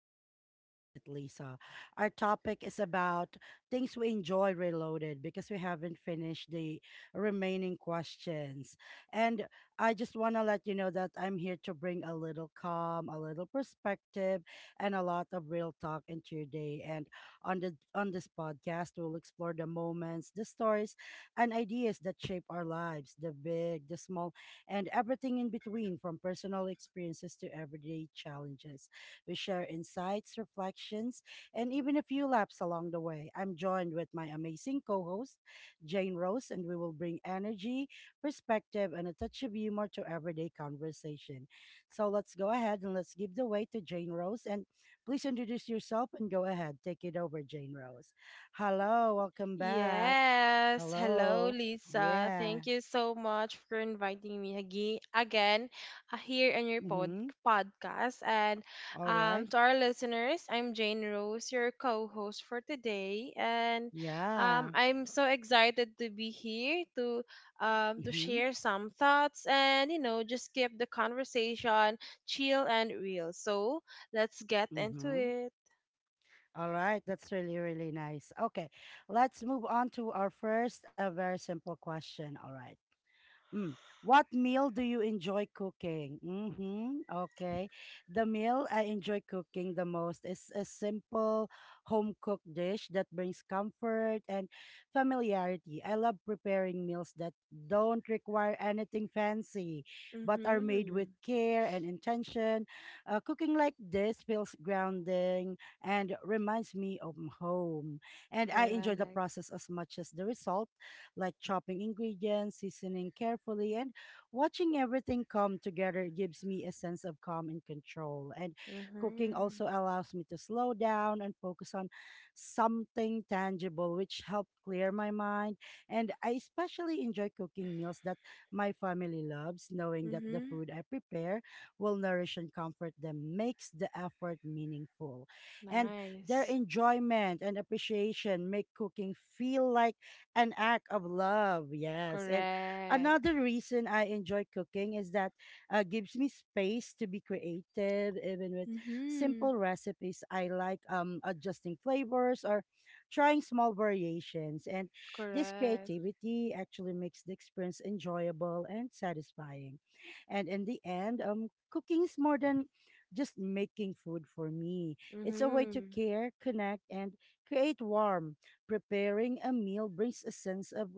Reflections with Lisa. Our topic is about things we enjoy reloaded because we haven't finished the remaining questions. And I just want to let you know that I'm here to bring a little calm, a little perspective, and a lot of real talk into your day. And on this podcast, we'll explore the moments, the stories, and ideas that shape our lives, the big, the small and everything in between, from personal experiences to everyday challenges. We share insights, reflections, and even a few laps along the way. I'm joined with my amazing co host, Jane Rose, and we will bring energy, perspective, and a touch of humor to everyday conversation. So let's go ahead and let's give the way to Jane Rose. And please introduce yourself and go ahead. Take it over, Jane Rose. Hello, welcome back. Yes, hello Hello. Lisa. Yeah. Thank you so much for inviting me again here on your pod Mm-hmm. podcast. And All right. To our listeners, I'm Jane Rose, your co-host for today, and Yeah. I'm so excited to be here to Mm-hmm. share some thoughts and just keep the conversation chill and real. So let's get into Mm-hmm. it. All right. That's really, really nice. Okay. Let's move on to our first, a very simple question. All right. Mm. What meal do you enjoy cooking? Mm-hmm. Okay. The meal I enjoy cooking the most is a simple home cooked dish that brings comfort and familiarity. I love preparing meals that don't require anything fancy, but are made with Mm-hmm. care and intention. Cooking like this feels grounding and reminds me of home. And I enjoy the Correct. process as much as the result like chopping ingredients, seasoning carefully, and watching everything come together gives me a sense of calm and control. And cooking also Mm-hmm. allows me to slow down and focus on something tangible, which helped clear my mind. And I especially enjoy cooking meals that my family loves, knowing that the Mm-hmm. food I prepare will nourish and comfort them makes the effort meaningful. And their Nice. enjoyment and appreciation make cooking feel like an act of love. Yes. And Correct. another reason I enjoy cooking is that gives me space to be creative, even with Mm-hmm. simple recipes. I like adjusting flavors or trying small variations. And this Correct. creativity actually makes the experience enjoyable and satisfying. And in the end, cooking is more than just making food for me. It's a way to Mm-hmm. care, connect, and create warmth. Preparing a meal brings a sense of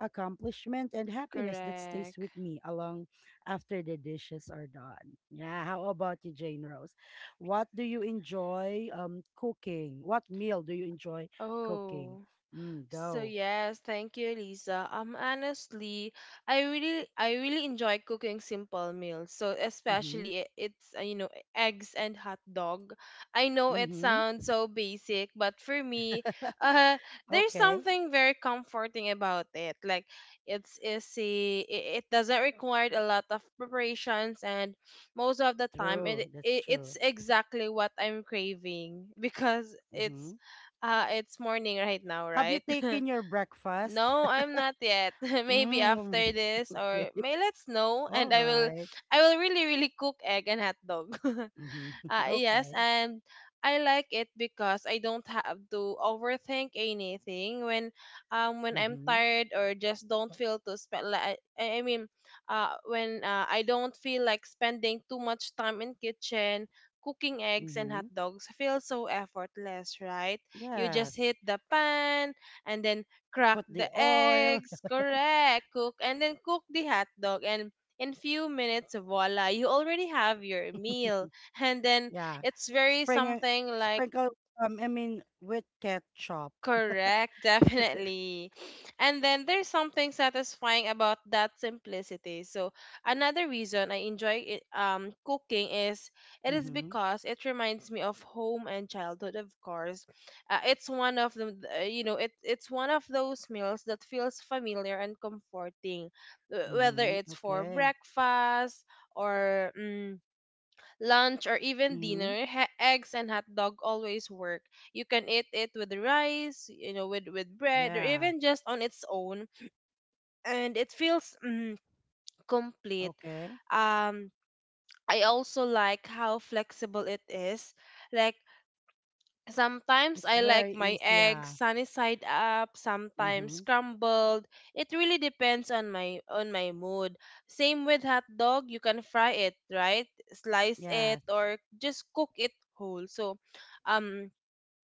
accomplishment and happiness that stays Correct. with me along after the dishes are done. Yeah, how about you, Jane Rose? What do you enjoy cooking? What meal do you enjoy cooking? Oh, Mm, So go. yes, thank you, Lisa. Honestly, I really enjoy cooking simple meals. So Mm-hmm. especially it's you know, eggs and hot dog. I know it Mm-hmm. sounds so basic, but for me, uh, there's Okay, something very comforting about it. Like, it's easy. It doesn't require a lot of preparations, and most of the time, true. it, That's it it's true. exactly what I'm craving because Mm-hmm. It's morning right now, Have you right? taken your breakfast? No, I'm not yet. Maybe Mm, after this okay. or may let's know and All right. I will really really cook egg and hot dog. Mm-hmm. Yes, Okay. and I like it because I don't have to overthink anything when I'm Mm-hmm. tired or just don't feel to spend, like I mean when I don't feel like spending too much time in kitchen. Cooking eggs and Mm-hmm. hot dogs feel so effortless, right? You just Yes. hit the pan and then crack Put the the oil. eggs, correct, cook and then cook the hot dog, and in few minutes voila, you already have your meal, and then Yeah. it's very Sprinkle, something like, sprinkle, I mean, with ketchup. correct. Definitely. And then there's something satisfying about that simplicity. So another reason I enjoy cooking is it is Mm-hmm. because it reminds me of home and childhood, of course. Uh, it's one of the you know it It's one of those meals that feels familiar and comforting, whether Mm-hmm. it's for Okay. breakfast or lunch, or even Mm-hmm. dinner. Eggs and hot dog always work. You can eat it with rice, you know, with bread, or Yeah. even just on its own, and it feels complete. Okay. Um, I also like how flexible it is. Like, sometimes It's I like very my easy. eggs Yeah. sunny side up, sometimes Mm-hmm. scrambled. It really depends on my mood. Same with hot dog, you can fry it, right? Slice it Yes. or just cook it whole. So, um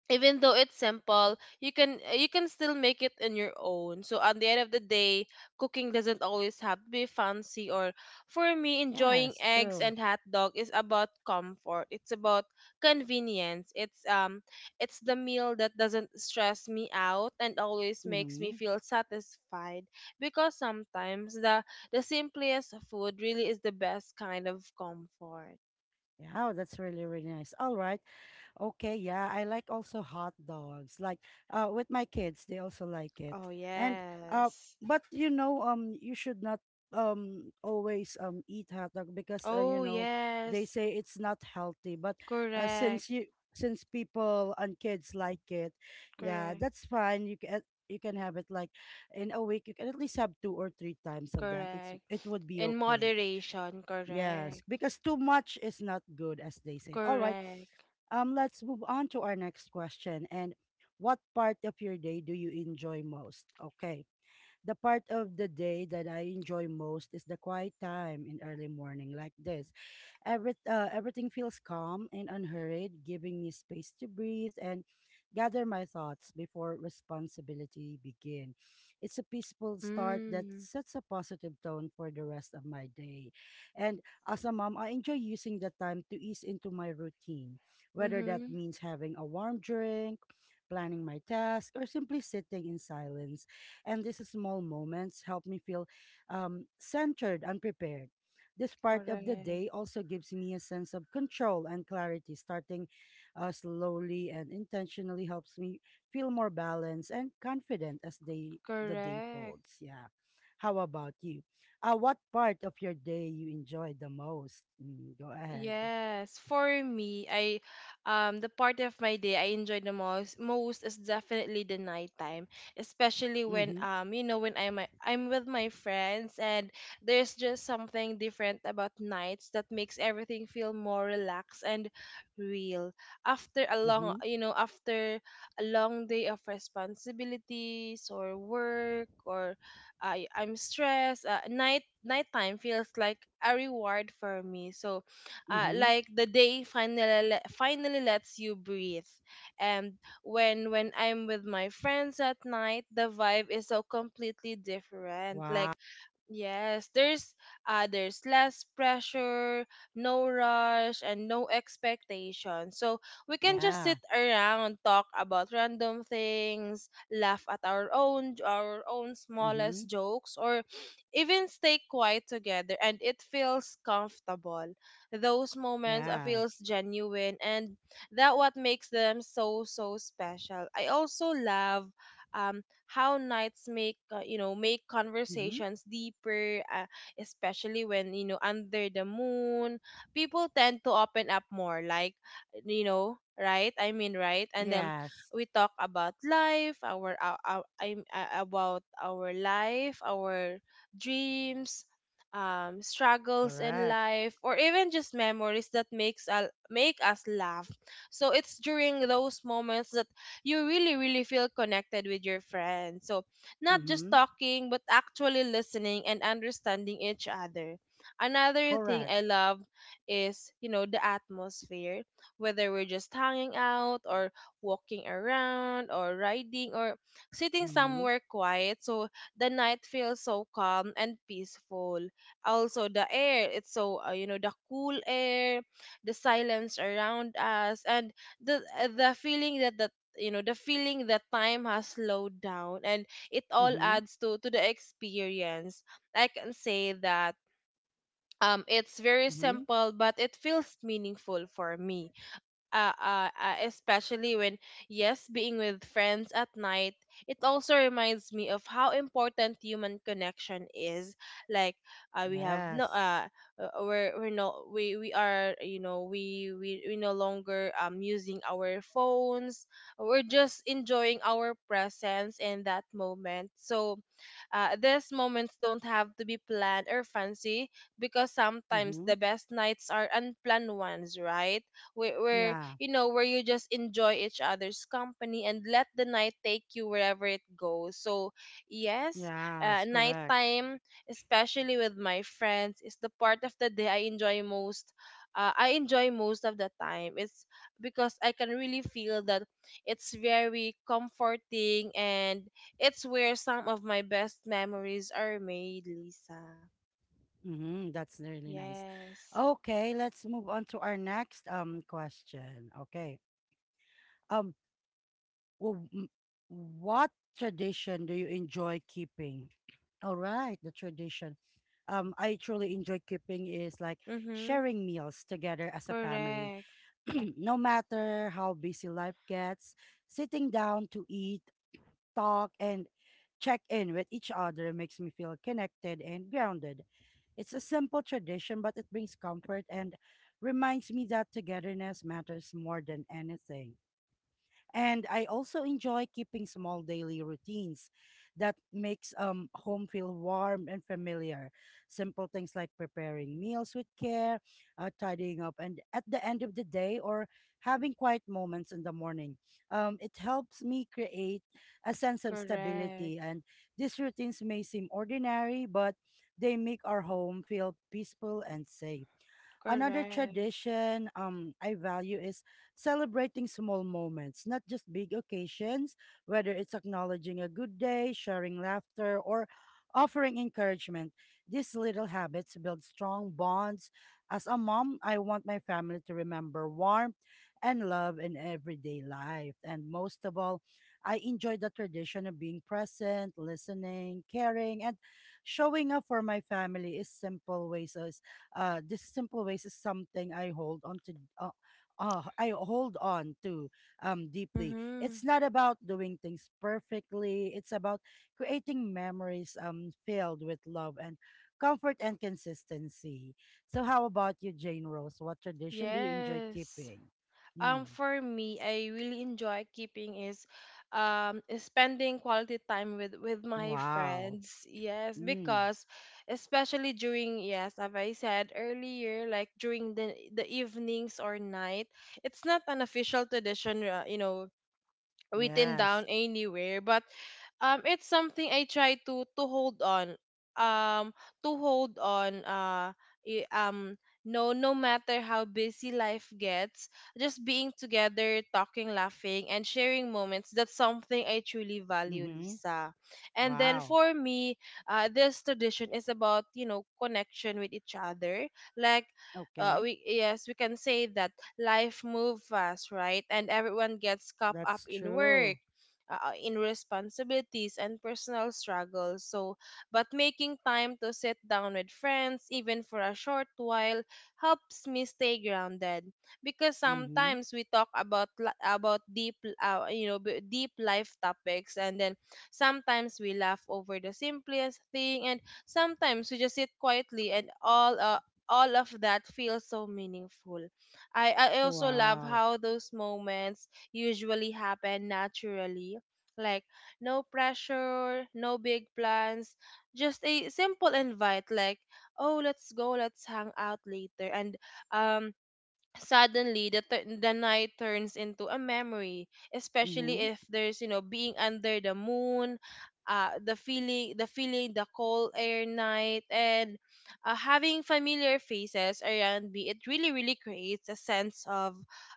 even though it's simple, you can still make it in your own. So at the end of the day, cooking doesn't always have to be fancy. Or for me, enjoying Yes. eggs True. and hot dog is about comfort, it's about convenience, it's the meal that doesn't stress me out and always makes me Mm-hmm. feel satisfied, because sometimes the simplest food really is the best kind of comfort. Yeah. Oh, that's really, really nice. All right. Okay, yeah, I like also hot dogs. Like with my kids, they also like it. Oh And uh yes. but you should not always eat hot dog because Oh they yes. say it's not healthy, but Correct. since you since people and kids like it, yeah, Correct. that's fine. You can have it like in a week. You can at least have two or three times of that. It's Correct. it would be In okay. moderation, Yes, correct. because too much is not good as they say. All right. Correct. Let's move on to our next question. And what part of your day do you enjoy most? Okay, the part of the day that I enjoy most is the quiet time in early morning like this. Everything feels calm and unhurried, giving me space to breathe and gather my thoughts before responsibility begin. It's a peaceful start that Mm. sets a positive tone for the rest of my day. And as a mom, I enjoy using that time to ease into my routine, whether that Mm-hmm. means having a warm drink, planning my task, or simply sitting in silence, and these small moments help me feel centered and prepared. This part of the Correct. day also gives me a sense of control and clarity. Starting slowly and intentionally helps me feel more balanced and confident as the day Correct. folds. Yeah. How about you? What part of your day you enjoy the most? Mm, go ahead. Yes, for me, I the part of my day I enjoy the most is definitely the nighttime, especially when Mm-hmm. When I'm with my friends. And there's just something different about nights that makes everything feel more relaxed and real. After a long Mm-hmm. you know after a long day of responsibilities or work, or I'm stressed, nighttime feels like a reward for me. So Mm-hmm. like the day finally finally lets you breathe. And when I'm with my friends at night, the vibe is so completely different. Like, Wow. yes, there's less pressure, no rush and no expectation. So we can just Yeah. sit around, talk about random things, laugh at our own Mm-hmm. smallest jokes, or even stay quiet together, and it feels comfortable. Those moments Yeah. feels genuine, and that what makes them so special. I also love um how nights make make Mm-hmm. conversations deeper, especially when, you know, under the moon, people tend to open up more. Like, you know, right, I mean right. And then Yes. we talk about life our I about our life, our dreams, struggles in Correct. life, or even just memories that make us laugh. So it's during those moments that you really really feel connected with your friends. So not just Mm-hmm. talking, but actually listening and understanding each other. Another thing Correct. I love is, you know, the atmosphere. Whether we're just hanging out, or walking around, or riding, or sitting Mm-hmm. somewhere quiet, so the night feels so calm and peaceful. Also the air, it's so the cool air, the silence around us, and the uh, the feeling that the the feeling that time has slowed down, and it all Mm-hmm. adds to the experience. I can say that it's very Mm-hmm. simple, but it feels meaningful for me. Especially when, yes, being with friends at night, it also reminds me of how important human connection is. Like, we have no, Yes. We're no, we are, you know, we no longer using our phones. We're just enjoying our presence in that moment. So, these moments don't have to be planned or fancy, because sometimes Mm-hmm. the best nights are unplanned ones, right? we, we're Yeah. You know, where you just enjoy each other's company and let the night take you wherever it goes. So, yes, Yes. Correct. nighttime, especially with my friends, is the part of the day I enjoy most. I enjoy most of the time. It's because I can really feel that it's very comforting, and it's where some of my best memories are made, Lisa. Mm-hmm. That's really nice. Yes. Okay, let's move on to our next question. Okay. Um. w- m- What tradition do you enjoy keeping? All right, the tradition I truly enjoy keeping is like Mm-hmm. sharing meals together as a family. Correct. No matter how busy life gets, sitting down to eat, talk, and check in with each other makes me feel connected and grounded. It's a simple tradition, but it brings comfort and reminds me that togetherness matters more than anything. And I also enjoy keeping small daily routines that makes home feel warm and familiar. Simple things like preparing meals with care, tidying up, and at the end of the day, or having quiet moments in the morning. It helps me create a sense of Correct. stability. And these routines may seem ordinary, but they make our home feel peaceful and safe. Another Correct. tradition I value is celebrating small moments, not just big occasions, whether it's acknowledging a good day, sharing laughter, or offering encouragement. These little habits build strong bonds. As a mom, I want my family to remember warmth and love in everyday life. And most of all, I enjoy the tradition of being present, listening, caring, and showing up for my family is simple ways of this simple ways is something I hold on to uh, I hold on to deeply. Mm-hmm. It's not about doing things perfectly, it's about creating memories filled with love and comfort and consistency. So how about you, Jane Rose, what tradition do you enjoy Yes. keeping? Mm. For me, I really enjoy keeping is spending quality time with my Wow. friends. Yes, Mm. because especially during, yes, as I said earlier, like during the evenings or night. It's not an official tradition, written down Yes. anywhere, but it's something I try to hold on, um to hold on uh i- um no, no matter how busy life gets, just being together, talking, laughing, and sharing moments, that's something I truly value, Mm-hmm. Lisa. And then Wow. for me, this tradition is about, you know, connection with each other. Like, Okay. we, yes, we can say that life move fast, right? And everyone gets caught up That's in true. work, in responsibilities and personal struggles. So, but making time to sit down with friends, even for a short while, helps me stay grounded. Because Mm-hmm. sometimes we talk about about deep, deep life topics, and then sometimes we laugh over the simplest thing, and sometimes we just sit quietly, and all of that feels so meaningful. I also love Wow. how those moments usually happen naturally. Like, no pressure, no big plans, just a simple invite, like, oh, let's go, let's hang out later. And um, suddenly the night turns into a memory, especially Mm-hmm. if there's, you know, being under the moon. The feeling, the cold air night, and having familiar faces around me, it really really creates a sense of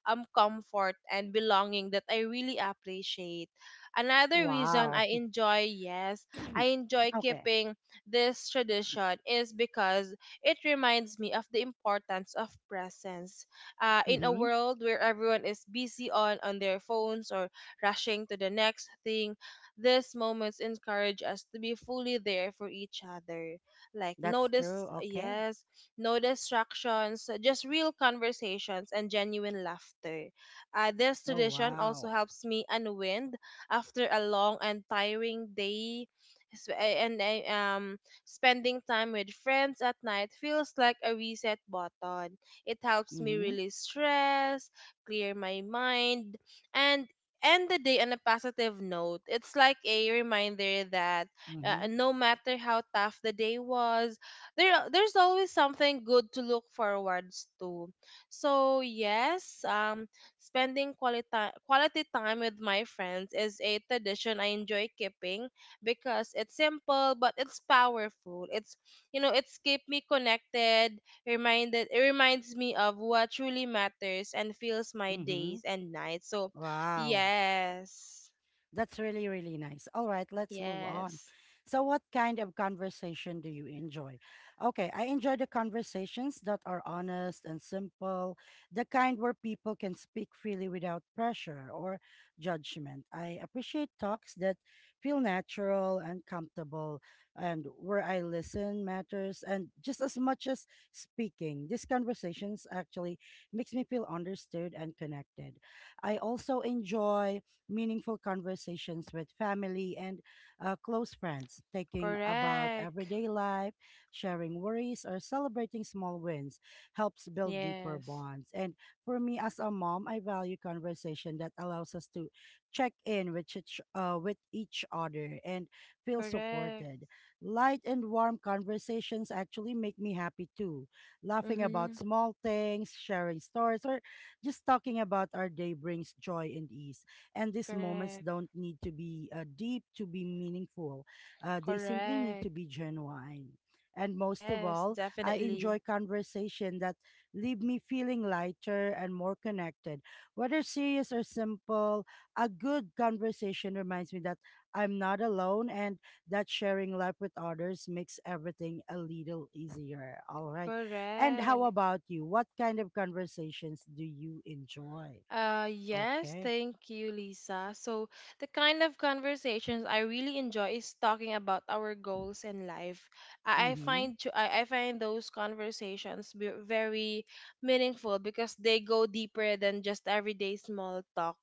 comfort and belonging that I really appreciate. Another reason I Wow. enjoy, yes, I enjoy Okay. keeping this tradition is because it reminds me of the importance of presence. In a Mm-hmm. world where everyone is busy on their phones or rushing to the next thing, these moments encourage us to be fully there for each other. Like, That's true. Okay. yes, no distractions, just real conversations and genuine laughter. This Oh, tradition also wow. helps me unwind after a long and tiring day. And I, spending time with friends at night feels like a reset button. It helps me Mm-hmm. release stress, clear my mind, and end the day on a positive note. It's like a reminder that, Mm-hmm. no matter how tough the day was, there's always something good to look forwards to. So, yes, spending quality time with my friends is a tradition I enjoy keeping because it's simple but it's powerful. It's, you know, it's keep me connected, reminded it reminds me of what truly matters and fills my Mm-hmm. days and nights. So, Wow. yes. That's really, really nice. All right, let's move on. Yes. So, what kind of conversation do you enjoy? Okay, I enjoy the conversations that are honest and simple, the kind where people can speak freely without pressure or judgment. I appreciate talks that feel natural and comfortable, and where I listen matters, and just as much as speaking. These conversations actually makes me feel understood and connected. I also enjoy meaningful conversations with family and close friends, taking about Correct. everyday life, sharing worries, or celebrating small wins helps build deeper Yes. bonds. And for me as a mom, I value conversation that allows us to check in with with each other and feel Correct. supported. Light and warm conversations actually make me happy too. Laughing about Mhm. small things, sharing stories, or just talking about our day brings joy and ease. And these moments Correct. don't need to be deep to be meaningful. They simply need to Correct. be genuine. And most of Yes, all, I enjoy definitely. conversation that leave me feeling lighter and more connected. Whether serious or simple, a good conversation reminds me that I'm not alone and that sharing life with others makes everything a little easier. All right. And how Correct. about you? What kind of conversations do you enjoy? Yes, Okay. thank you, Lisa. So, the kind of conversations I really enjoy is talking about our goals in life. Mm-hmm. I find those conversations very meaningful because they go deeper than just everyday small talk.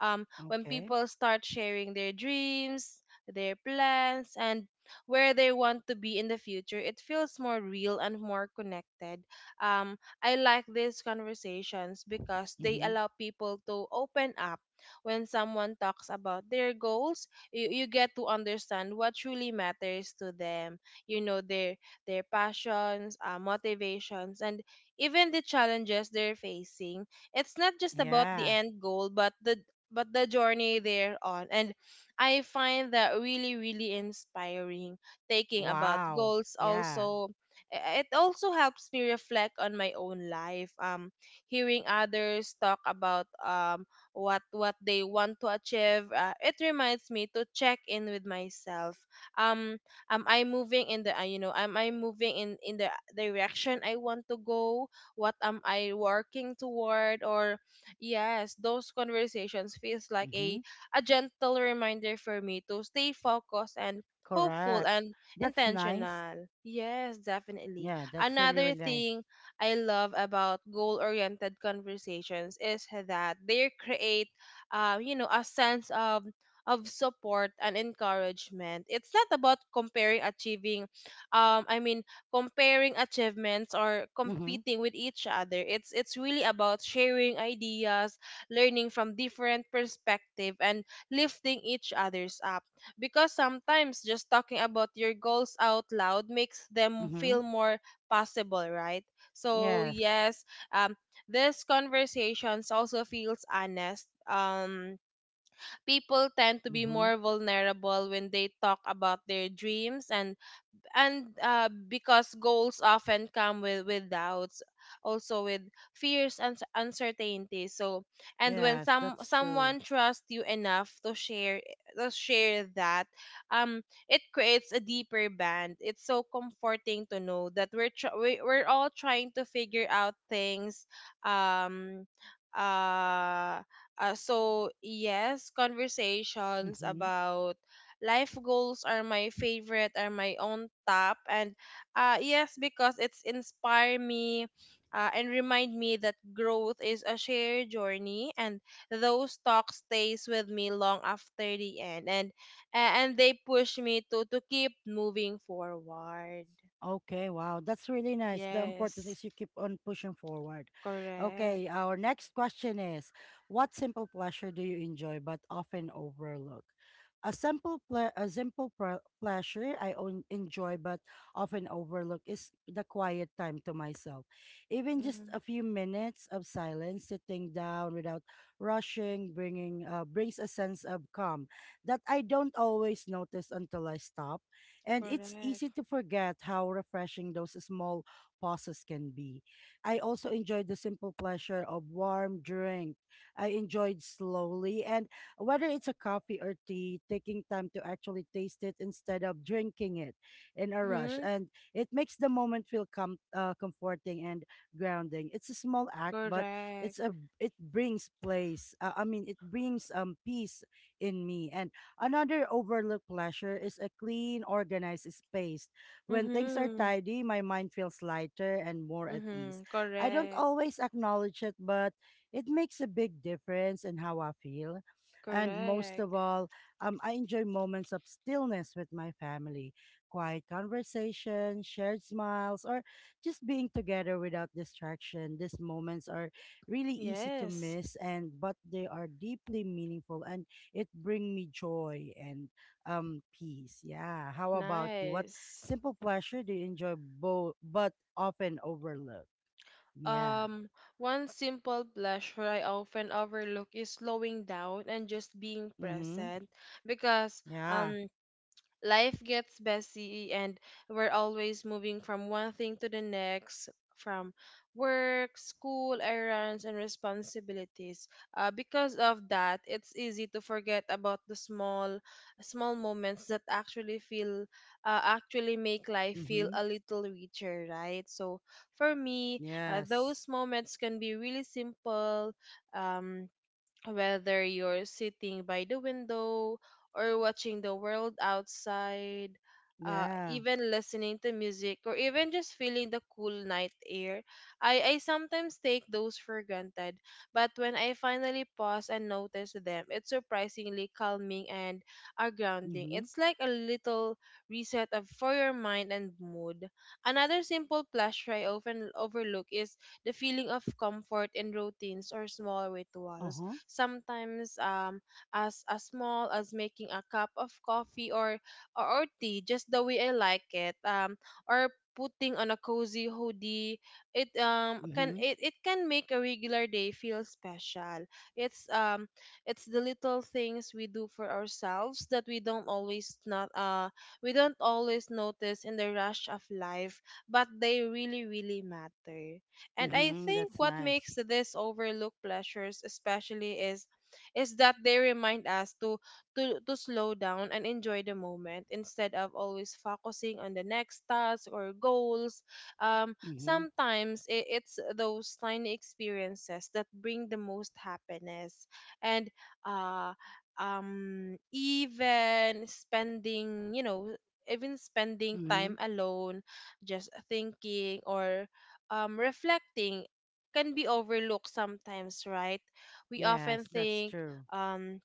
When Okay. people start sharing their dreams, their plans, and where they want to be in the future, it feels more real and more connected. Um, I like these conversations because they Mm-hmm. allow people to open up. When someone talks about their goals, you get to understand what truly matters to them. You know their passions, motivations, and even the challenges they're facing. It's not just about the Yeah. end goal, but the journey they're on. And I find that really inspiring. Taking about Wow. goals Yeah. also it also helps me reflect on my own life, hearing others talk about, what they want to achieve. It reminds me to check in with myself. um am I moving in the, am I moving in the direction I want to go? What am I working toward? Or yes, those conversations feels like a Mm-hmm. a gentle reminder for me to stay focused and hopeful Correct. and That's nice. intentional. Yes, definitely. Yeah, that's really, Another really nice. thing I love about goal-oriented conversations is that they create, a sense of support and encouragement. It's not about comparing achieving, um, I mean, comparing achievements or Mm-hmm. competing with each other. It's really about sharing ideas, learning from different perspective, and lifting each other's up, because sometimes just talking about your goals out loud makes them Mm-hmm. feel more possible, right? So Yes. yes. um this conversations also feels honest. People tend to be Mm-hmm. more vulnerable when they talk about their dreams, and because goals often come with doubts, also with fears and uncertainties. So and when Yes, that's true. someone trusts you enough to share, to share that, um it creates a deeper band it's so comforting to know that we're tr- we, we're all trying to figure out things um uh, so yes, conversations Mm-hmm. about life goals are my favorite, are my own top. And yes, because it's inspire me, and remind me that growth is a shared journey, and those talks stays with me long after the end. And and they push me to keep moving forward. Okay, wow. That's really nice. The important Yes, is you keep on pushing forward. correct. Okay, our next question is, what simple pleasure do you enjoy but often overlook? A simple pleasure I own enjoy but often overlook is the quiet time to myself. Even just Mm, a few minutes of silence, sitting down without rushing, bringing brings a sense of calm that I don't always notice until I stop, and it's correct. easy to forget how refreshing those small pauses can be. I also enjoyed the simple pleasure of warm drink. I enjoyed slowly, and whether it's a coffee or tea, taking time to actually taste it instead of drinking it in a rush. Mm-hmm, And it makes the moment feel comforting and grounding. It's a small act, but correct. it brings place. I mean, it brings peace in me, and another overlooked pleasure is a clean, organized space. When things are Mm-hmm. tidy, my mind feels lighter and more at ease. Mm-hmm. I don't Correct. always acknowledge it, but it makes a big difference in how I feel. And most Correct. of all, I enjoy moments of stillness with my family, quiet conversation, shared smiles, or just being together without distraction. These moments are really easy to Yes. miss, and but they are deeply meaningful, and it bring me joy and peace. Yeah. How about you? What Nice. simple pleasure do you enjoy both but often overlook? Yeah. Um, One simple pleasure I often overlook is slowing down and just being Mm-hmm. present, because Yeah. um life gets busy and we're always moving from one thing to the next, from work, school, errands, and responsibilities. Because of that, it's easy to forget about the small small moments that actually feel, actually make life feel Mm-hmm. a little richer, right? So for me, Yes. those moments can be really simple. um, Whether you're sitting by the window or watching the world outside, Yeah. even listening to music, or even just feeling the cool night air, I sometimes take those for granted. But when I finally pause and notice them, it's surprisingly calming and grounding. Mm-hmm. It's like a little reset of, for your mind and mood. Another simple pleasure I often overlook is the feeling of comfort in routines or small rituals Uh-huh. sometimes, as small as making a cup of coffee or or tea just the way I like it, or putting on a cozy hoodie. Mm-hmm. It can make a regular day feel special. it's um it's the little things we do for ourselves that we don't always not we don't always notice in the rush of life, but they really matter. And I Mm-hmm. think That's what nice. makes this overlooked pleasures especially is that they remind us to slow down and enjoy the moment instead of always focusing on the next task or goals. Mm-hmm. Sometimes it's those tiny experiences that bring the most happiness. And uh, even spending, even spending Mm-hmm. time alone, just thinking or reflecting, can be overlooked sometimes, right? We often Yes, that's think true. um,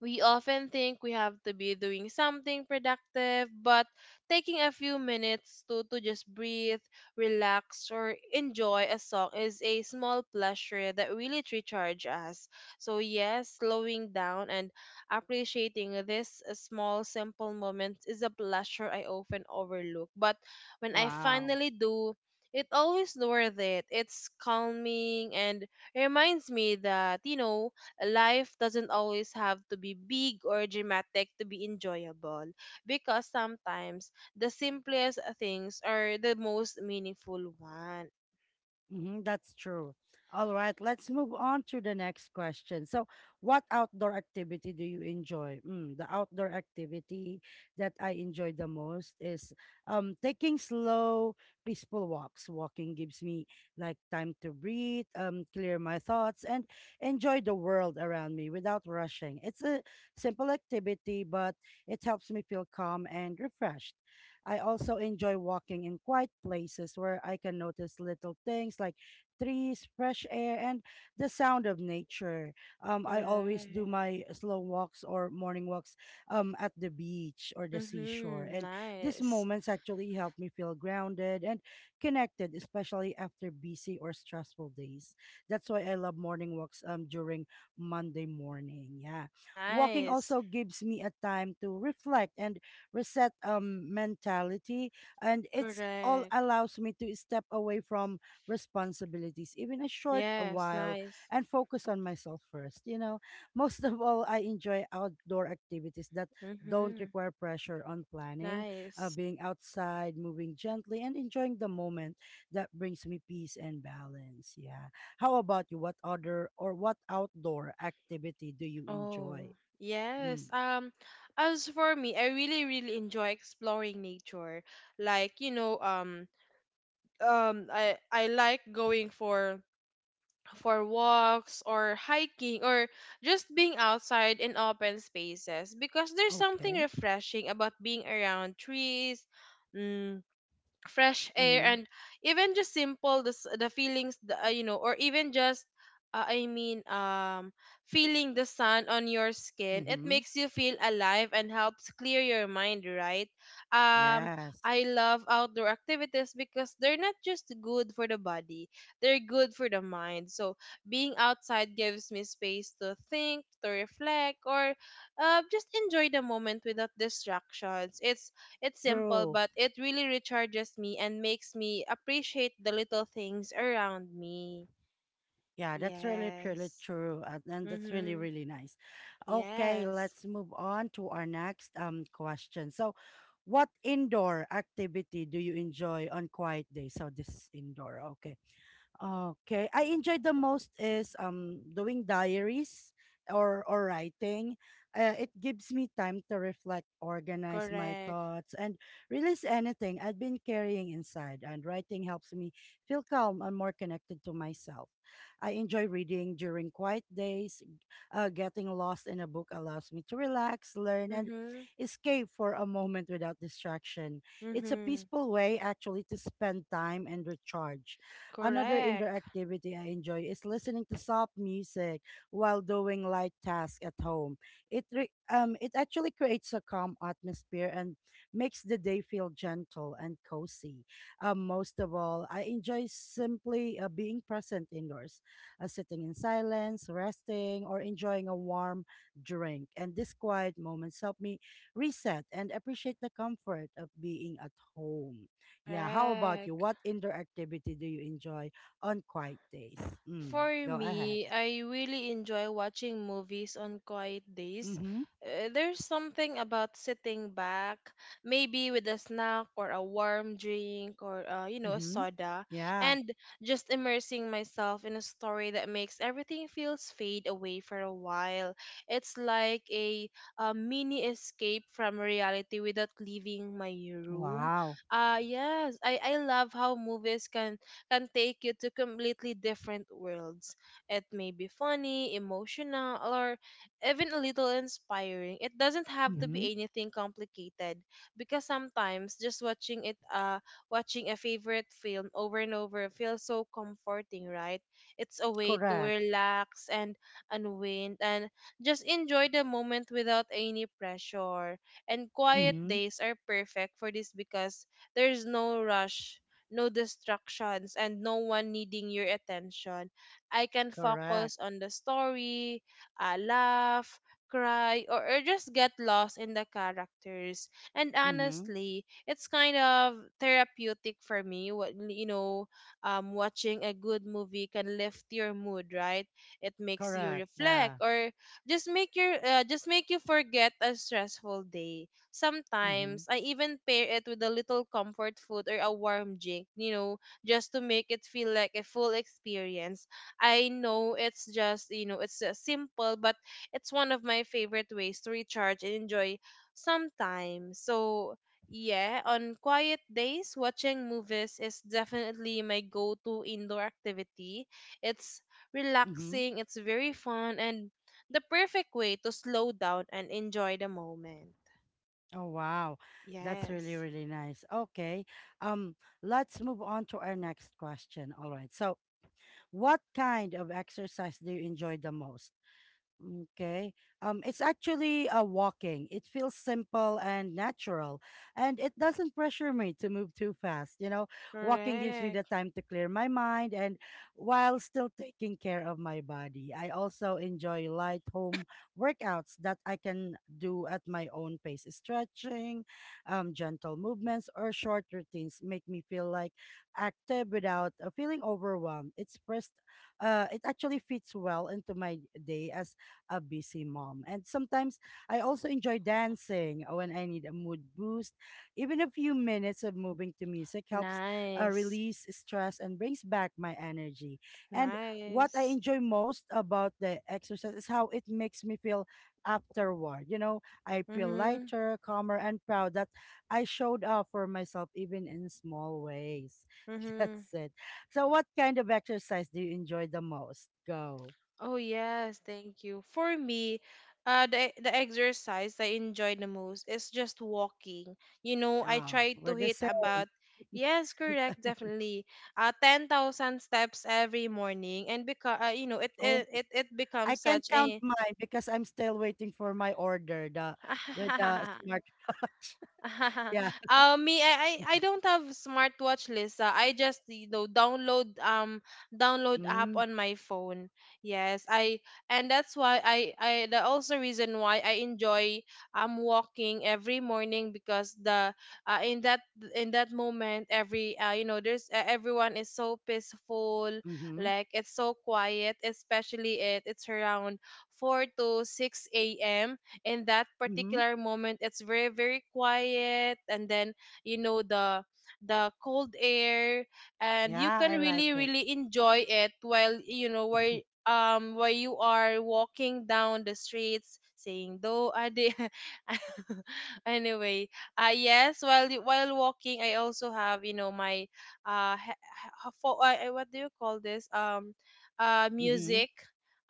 we often think we have to be doing something productive, but taking a few minutes to just breathe, relax, or enjoy a song is a small pleasure that really recharges us. So yes, slowing down and appreciating this small simple moments is a pleasure I often overlook. But when I Wow. finally do, it always worth it. It's calming and reminds me that, you know, life doesn't always have to be big or dramatic to be enjoyable, because sometimes the simplest things are the most meaningful one. Hmm, that's true. All right, let's move on to the next question. What outdoor activity do you enjoy? The outdoor activity that I enjoy the most is taking slow, peaceful walks. Walking gives me like time to breathe, clear my thoughts, and enjoy the world around me without rushing. It's a simple activity, but it helps me feel calm and refreshed. I also enjoy walking in quiet places where I can notice little things like trees, fresh air, and the sound of nature. I always do Correct. my slow walks or morning walks at the beach or the seashore. Mm-hmm. And these Nice. moments actually help me feel grounded and connected, especially after busy or stressful days. That's why I love morning walks during Monday morning. Yeah. Walking Nice. also gives me a time to reflect and reset mentality, and it's all Correct. allows me to step away from responsibilities even a short a Yes, while nice. and focus on myself first, you know. Most of all, I enjoy outdoor activities that don't Mm-hmm. require pressure on planning. Nice. Being outside, moving gently and enjoying the moment, that brings me peace and balance. Yeah, how about you? What other, or what outdoor activity do you Oh, enjoy? Mm. yes. As for me, I really enjoy exploring nature. Like, you know, I like going for walks or hiking or just being outside in open spaces, because there's something Okay. refreshing about being around trees, mm, fresh air, Mm-hmm. and even just simple the, s- the feelings the, you know or even just I mean feeling the sun on your skin. It Mm-hmm. makes you feel alive and helps clear your mind, right? um Yes, I love outdoor activities because they're not just good for the body, they're good for the mind. So being outside gives me space to think, to reflect, or just enjoy the moment without distractions. It's simple, true. but it really recharges me and makes me appreciate the little things around me. Yeah, that's really, truly Yes. true. And that's really, Mm-hmm. really nice. Okay, Yes. let's move on to our next question. What indoor activity do you enjoy on quiet days? So this is indoor. Okay. Okay. I enjoy the most is doing diaries or writing. It gives me time to reflect, organize my Correct. thoughts, and release anything I've been carrying inside. And writing helps me feel calm and more connected to myself. I enjoy reading during quiet days. Getting lost in a book allows me to relax, learn, and Mm-hmm. escape for a moment without distraction. It's a Mm-hmm. peaceful way, actually, to spend time and recharge. Another indoor Correct. activity I enjoy is listening to soft music while doing light tasks at home. It actually creates a calm atmosphere and makes the day feel gentle and cozy. Most of all, I enjoy simply being present indoors, sitting in silence, resting, or enjoying a warm drink. And these quiet moments help me reset and appreciate the comfort of being at home. Yeah, how about you? Correct. What indoor activity do you enjoy on quiet days? Mm, For go ahead. me, I really enjoy watching movies on quiet days. Mm-hmm. There's something about sitting back, maybe with a snack or a warm drink, or you know, a Mm-hmm. soda, Yeah. and just immersing myself in a story that makes everything feels fade away for a while. It's like a mini escape from reality without leaving my room. Wow. Yes, I love how movies can take you to completely different worlds. It may be funny, emotional, or even a little inspiring. It doesn't have to Mm-hmm. be anything complicated, because sometimes just watching a favorite film over and over feels so comforting, right? It's a way to Correct. relax and unwind and just enjoy the moment without any pressure. And quiet Mm-hmm. days are perfect for this because there's no rush, no distractions, and no one needing your attention. I can Correct. focus on the story, laugh, cry, or just get lost in the characters. And Mm-hmm. honestly, it's kind of therapeutic for me. What You know, watching a good movie can lift your mood, right? It makes you Correct. reflect Yeah. or just make you forget a stressful day. Mm-hmm. Sometimes I even pair it with a little comfort food or a warm drink, you know, just to make it feel like a full experience. I know it's just, you know, it's simple, but it's one of my favorite ways to recharge and enjoy sometimes. So, yeah, on quiet days, watching movies is definitely my go to indoor activity. It's Mm-hmm. relaxing, it's very fun, and the perfect way to slow down and enjoy the moment. Oh wow. That's really, Yes. really nice. Okay. Um, let's move on to our next question. All right. So what kind of exercise do you enjoy the most? Okay. It's actually a walking. It feels simple and natural, and it doesn't pressure me to move too fast. You know, walking gives me the Correct. time to clear my mind and while still taking care of my body. I also enjoy light home workouts that I can do at my own pace. Stretching, gentle movements, or short routines make me feel like active without feeling overwhelmed. It actually fits well into my day as a busy mom. And sometimes I also enjoy dancing when I need a mood boost. Even a few minutes of moving to music helps Nice. release stress and brings back my energy. And what I Nice. enjoy most about the exercise is how it makes me feel afterward. You know, I feel Mm-hmm. lighter, calmer, and proud that I showed up for myself even in small ways. Mm-hmm. That's it. So, what kind of exercise do you enjoy the most? Go. Oh yes, thank you. For me, the exercise I enjoy the most is just walking. You know, I Oh, try to we're the hit same. about Yes, correct, definitely. 10,000 steps every morning, and because you know, it, Oh, it it it I becomes can't such count a mine because I'm still waiting for my order, the smartwatch. Yeah. Me, I don't have smartwatch, Lisa. I just, you know, download app Mm, on my phone. Yes, I, and that's why I the also reason why I enjoy walking every morning, because the uh, in that in that moment, every you know, there's everyone is so peaceful, mm-hmm. like it's so quiet, especially it's around 4 to 6 a.m. In that Mm-hmm. particular moment, it's very quiet. And then, you know, the cold air, and you Yeah, can I like really it. really enjoy it, while, you know, while you are walking down the streets, saying though I did. Anyway, yes, while walking, I also have, you know, my he- fo- what do you call this Mm-hmm. music,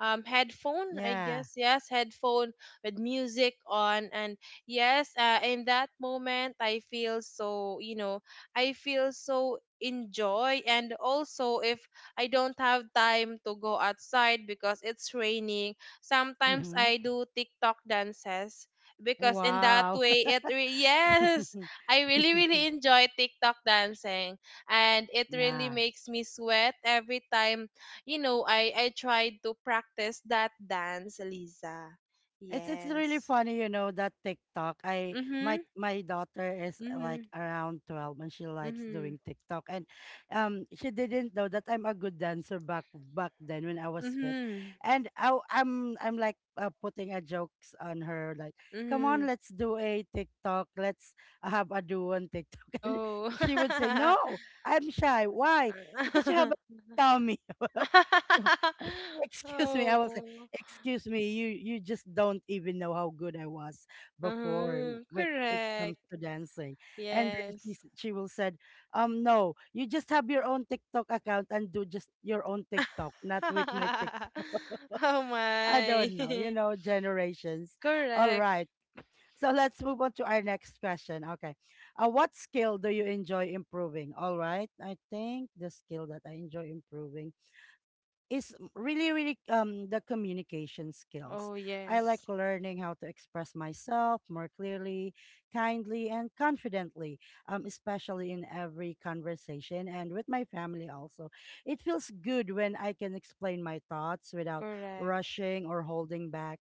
headphone, I Yeah. guess. Yes, headphone with music on. And yes, in that moment, I feel so, you know, I feel so enjoy. And also, if I don't have time to go outside because it's raining, sometimes Mm-hmm. I do TikTok dances, because in that Wow. way it yes, I really enjoy TikTok dancing, and it really Yeah. makes me sweat every time. You know, I tried to practice that dance, Lisa. It's really Yes. funny, you know, that TikTok. I my Mhm. my daughter is like Mhm. around 12 and she likes Mhm. doing TikTok. And she didn't know that I'm a good dancer back then when I was fit. Mhm. And I'm like putting a jokes on her like, "Come Mhm. on, let's do a TikTok. Let's have a duo on TikTok." And Oh. she would say, "No, I'm shy. Why? Because you have a tummy." Excuse me, I was like, Oh. excuse me, you just don't even know how good I was before Mhm. when it comes Correct. to dancing. And then she Yes. s- she will said, no, you just have your own TikTok account and do just your own TikTok, not with my TikTok. Oh I my. don't know, you know, generations. All right, Correct. so let's move on to our next question. Okay, what skill do you enjoy improving? All right, I think the skill that I enjoy improving is really, really the communication skills. Oh I like yes. learning how to express myself more clearly, kindly and confidently, especially in every conversation and with my family also. It feels good when I can explain my thoughts without Correct. rushing or holding back.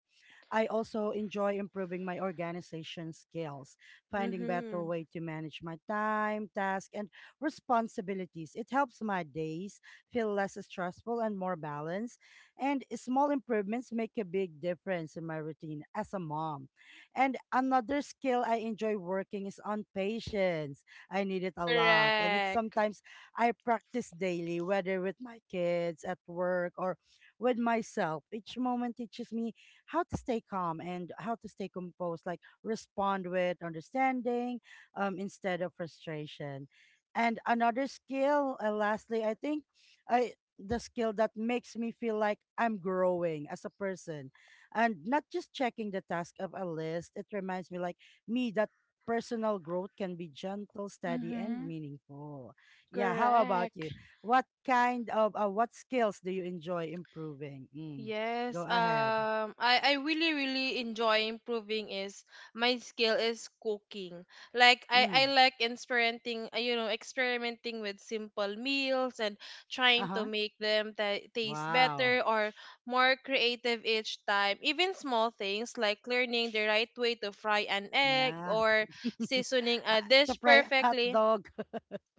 I also enjoy improving my organization skills, finding better Mhm. way to manage my time, task and responsibilities. It helps my days feel less stressful and more balanced. And small improvements make a big difference in my routine as a mom. And another skill I enjoy working is on patience. I need it a lot. And it's Correct. sometimes I practice daily, whether with my kids, at work, or with myself. Each moment teaches me how to stay calm and how to stay composed, like respond with understanding instead of frustration. And another skill, lastly, I think I the skill that makes me feel like I'm growing as a person and not just checking the task of a list. It reminds me that personal growth can be gentle, steady and Mhm. meaningful. Yeah, how about you? Correct. What kind of what skills do you enjoy improving? Mm, go Yes, ahead. I really enjoy improving is my skill is cooking. Like I Mm, like experimenting with simple meals, and trying to uh-huh. make them ta taste Wow. better or more creative each time. Even small things like learning the right way to fry an egg Yeah. or seasoning Ah, a to dish fry a hot perfectly. dog.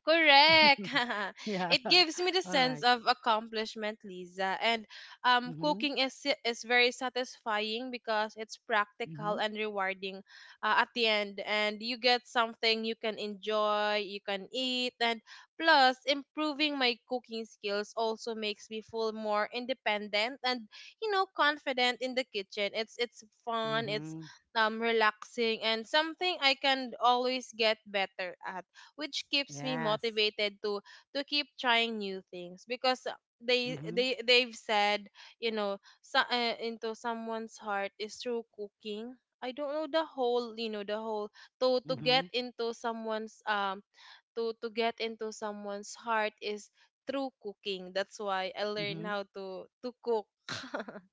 Correct. Yeah. It gives me the All sense right. of accomplishment, Lisa. And Mm-hmm. cooking is is very satisfying because it's practical Mm-hmm. and rewarding at the end. And you get something you can enjoy, you can eat, and plus improving my cooking skills also makes me feel more independent and, you know, confident in the kitchen. It's fun. It's Mm-hmm. Relaxing and something I can always get better at, which keeps me Yes. motivated to keep trying new things because they Mm-hmm. they they've said, you know so, into someone's heart is through cooking. I don't know the whole you know the whole, to to Mm-hmm. get into someone's um to get into someone's heart is through cooking. That's why I learned Mm-hmm. how to cook.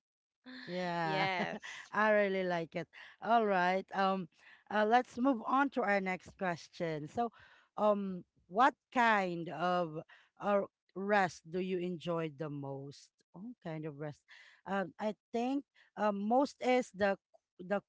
Yeah. Yes. I really like it. All right. Let's move on to our next question. What kind of uh, rest do you enjoy the most? Oh, kind of rest. I think most is the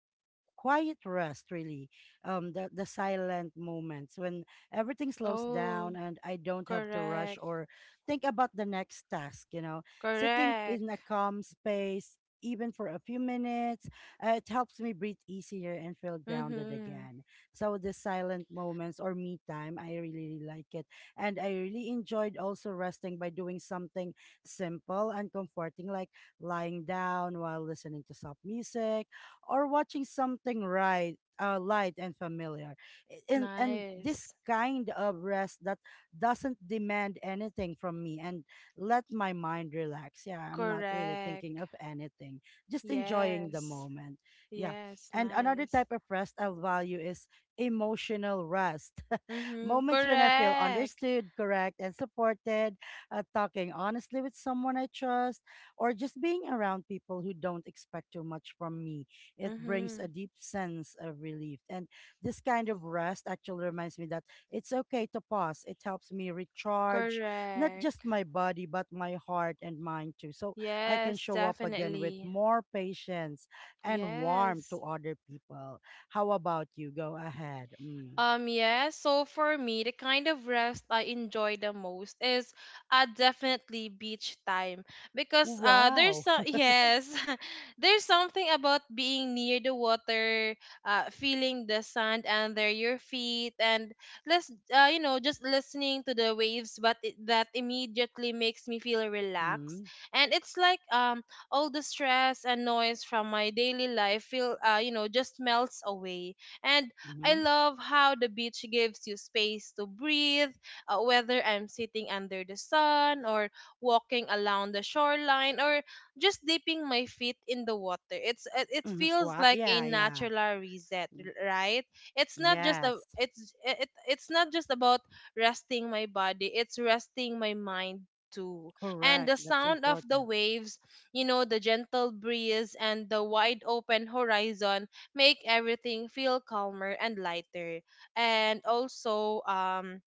quiet rest, really, the silent moments when everything slows down Oh. and I don't have to rush Correct, or think about the next task, you know, sitting in correct. a calm space even for a few minutes. It helps me breathe easier and feel grounded Mhm. again. So the silent moments or me time, I really, really like it. And I really enjoyed also resting by doing something simple and comforting, like lying down while listening to soft music or watching something, right, light and familiar. And this Nice. kind of rest that doesn't demand anything from me and let my mind relax, yeah, I'm not really thinking Correct. of anything, just enjoying the Yes. moment. Yeah. Yes, And another nice. type of rest I'll value is emotional rest. Mm-hmm. Moments when I feel Correct. understood, correct, and supported, talking honestly with someone I trust, or just being around people who don't expect too much from me. It brings a Mm-hmm. deep sense of relief. And this kind of rest actually reminds me that it's okay to pause. It helps me recharge not just Correct. my body, but my heart and mind too. So I can Yes, show up again with definitely. more patience and warmth to Yes. other people. How about you? Go ahead. Mm. Yeah, so for me, the kind of rest I enjoy the most is definitely beach time, because there's Wow. some yes, there's something about being near the water, feeling the sand under your feet, and less just listening to the waves. But that immediately makes me feel relaxed, Mhm. and it's like, all the stress and noise from my daily life feel, just melts away. And I Mhm. love how the beach gives you space to breathe, whether I'm sitting under the sun, or walking along the shoreline, or just dipping my feet in the water. It Mhm. feels Wow. like a Yeah, yeah. natural reset, Mm. Right? It's not just a Yes. it's it, it's not just about resting my body. It's resting my mind too. And Correct. the That's sound of the important. waves, you know, the gentle breeze, and the wide open horizon make everything feel calmer and lighter. And also,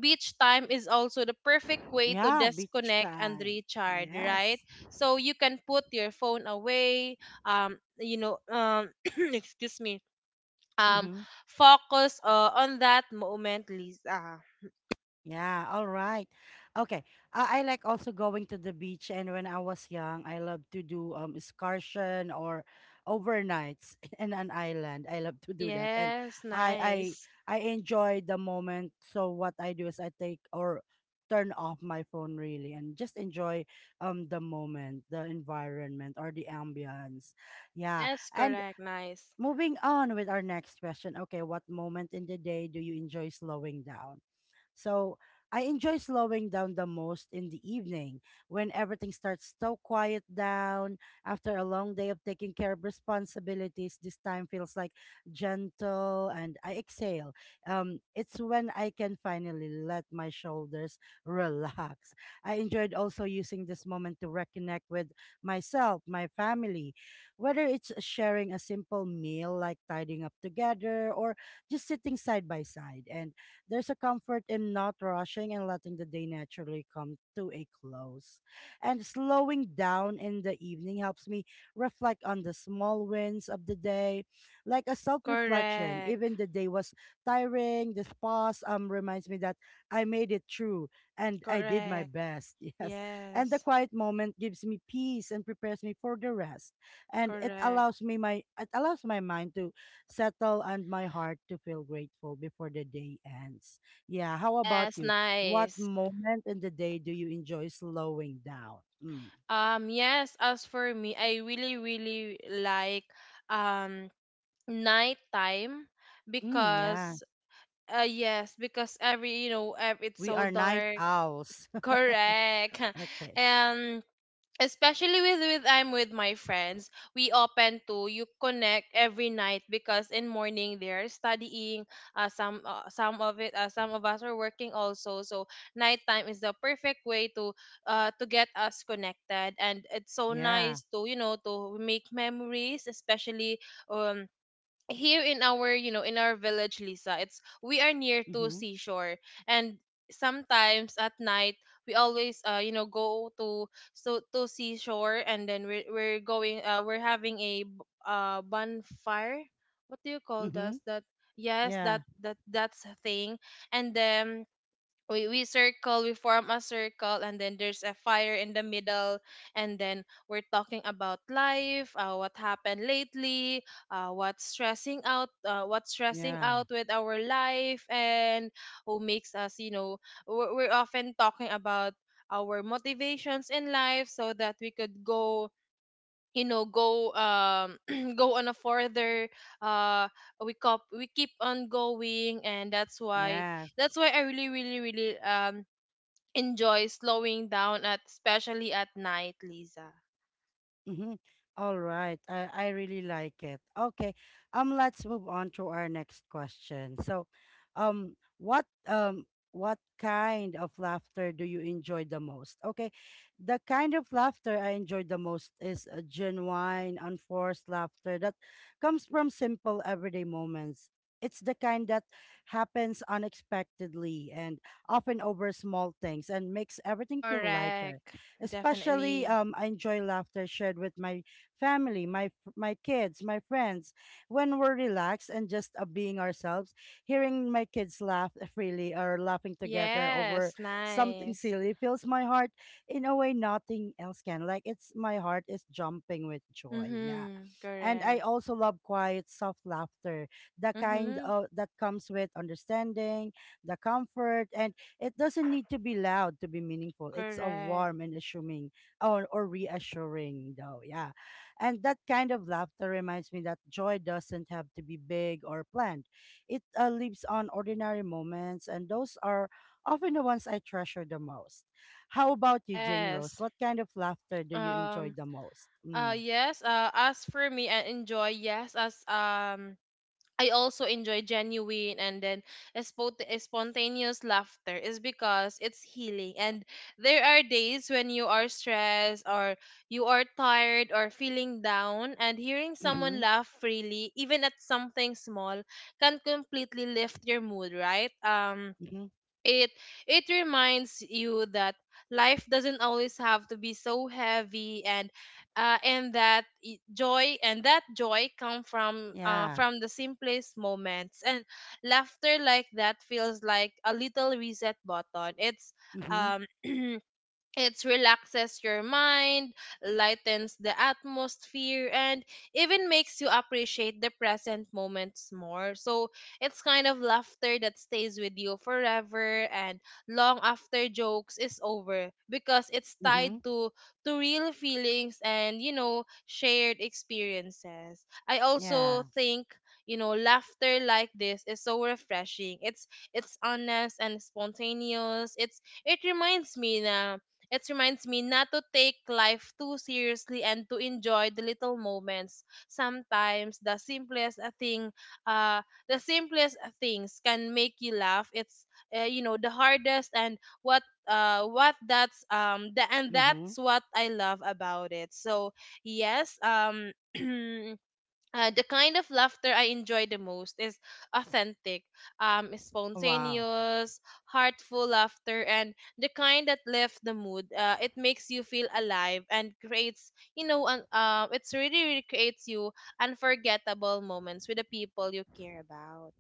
beach time is also the perfect way to Yeah, beach disconnect and time. recharge, right? Yes. So you can put your phone away, um, you know, um, excuse me, um, Mhm. focus, on that moment, Lisa. Yeah, all right. Okay. I like also going to the beach, and when I was young, I love to do excursion or overnights in an island. I love to do that and Yes, I I nice. I enjoy the moment. So what I do is I take or turn off my phone really and just enjoy the moment, the environment or the ambience. Yeah. Yes, And correct, nice. moving on with our next question. Okay, what moment in the day do you enjoy slowing down? So I enjoy slowing down the most in the evening when everything starts to quiet down after a long day of taking care of responsibilities. This time feels like gentle and I exhale. It's when I can finally let my shoulders relax. I enjoyed also using this moment to reconnect with myself, my family, whether it's sharing a simple meal like tidying up together or just sitting side by side. And there's a comfort in not rushing and letting the day naturally come to a close. And slowing down in the evening helps me reflect on the small wins of the day, like a self reflection. Correct, Even the day was tiring, this pause reminds me that I made it through and I did my correct. best. Yes. And the Yes, quiet moment gives me peace and prepares me for the rest. And it correct. allows me my it allows my mind to settle and my heart to feel grateful before the day ends. Yeah, how about Yes, you? What nice. moment in the day do you enjoy slowing down? Mm. Yes, as for me, I really, really like, um nighttime, Mm, yeah, because yes, because every you know, ev- it's we so are night dark. owls. Correct. Okay. And, especially with I'm with my friends, we open to you connect every night, because in morning they're studying. Some of us are working also. So nighttime is the perfect way to get us connected, and it's so Yeah. nice to you know to make memories, especially, um here in our, in our village, Lisa. It's, we are near to Mm-hmm. seashore, and sometimes at night we always, go to seashore, and then we're having a bonfire. What do you call Mm-hmm. this, that? Yes, Yeah. that's a thing. And then we form a circle, and then there's a fire in the middle, and then we're talking about life, what happened lately, what's stressing Yeah. out with our life, and who makes us, we're often talking about our motivations in life, so that we could go, go, go on a further, uh we keep on going, and that's why, Yeah. I really, really, really, enjoy slowing down, at especially at night, Lisa. Mm-hmm. All right. I really like it. Okay. Let's move on to our next question. So, um, what um what kind of laughter do you enjoy the most? Okay. The kind of laughter I enjoy the most is a genuine, unforced laughter that comes from simple everyday moments. It's the kind that happens unexpectedly and often over small things and makes everything feel lighter. Correct. Especially, Definitely. I enjoy laughter shared with my family, my kids, my friends. When we're relaxed and just being ourselves, hearing my kids laugh freely or laughing together over Yes. something Nice. silly fills my heart in a way nothing else can. Like it's my heart is jumping with joy. Yeah. Mhm. And I Correct. also love quiet, soft laughter, the kind Mhm. of that comes with understanding, the comfort, and it doesn't need to be loud to be meaningful. It's a Correct. warm and assuming or reassuring though. Yeah. And that kind of laughter reminds me that joy doesn't have to be big or planned. It lives on ordinary moments and those are often the ones I treasure the most. How about you, Jane Rose? Yes. What kind of laughter do you enjoy um the most? Mm. yes, as for me, I enjoy, yes, as I also enjoy genuine and then spontaneous laughter, is because it's healing. And there are days when you are stressed, or you are tired, or feeling down, and hearing someone Mm-hmm. laugh freely, even at something small, can completely lift your mood, right? Mm-hmm. it it reminds you that life doesn't always have to be so heavy, and, and that I- joy and that joy come from, Yeah. from the simplest moments, and laughter like that feels like a little reset button. it's Mm-hmm. um It relaxes your mind, lightens the atmosphere, and even makes you appreciate the present moments more. So it's kind of laughter that stays with you forever and long after jokes is over, because it's Mm-hmm. tied to real feelings and, shared experiences. I also Yeah. think, laughter like this is so refreshing. It's honest and spontaneous. It's it reminds me na it reminds me not to take life too seriously, and to enjoy the little moments. Sometimes the simplest, uh, the simplest, things can make you laugh. It's, the hardest, and and Mm-hmm. that's what I love about it. So, yes, the kind of laughter I enjoy the most is authentic, Wow. spontaneous, heartful laughter, and the kind that lifts the mood. It makes you feel alive and creates, you know, un- it's really, really creates you unforgettable moments with the people you care about.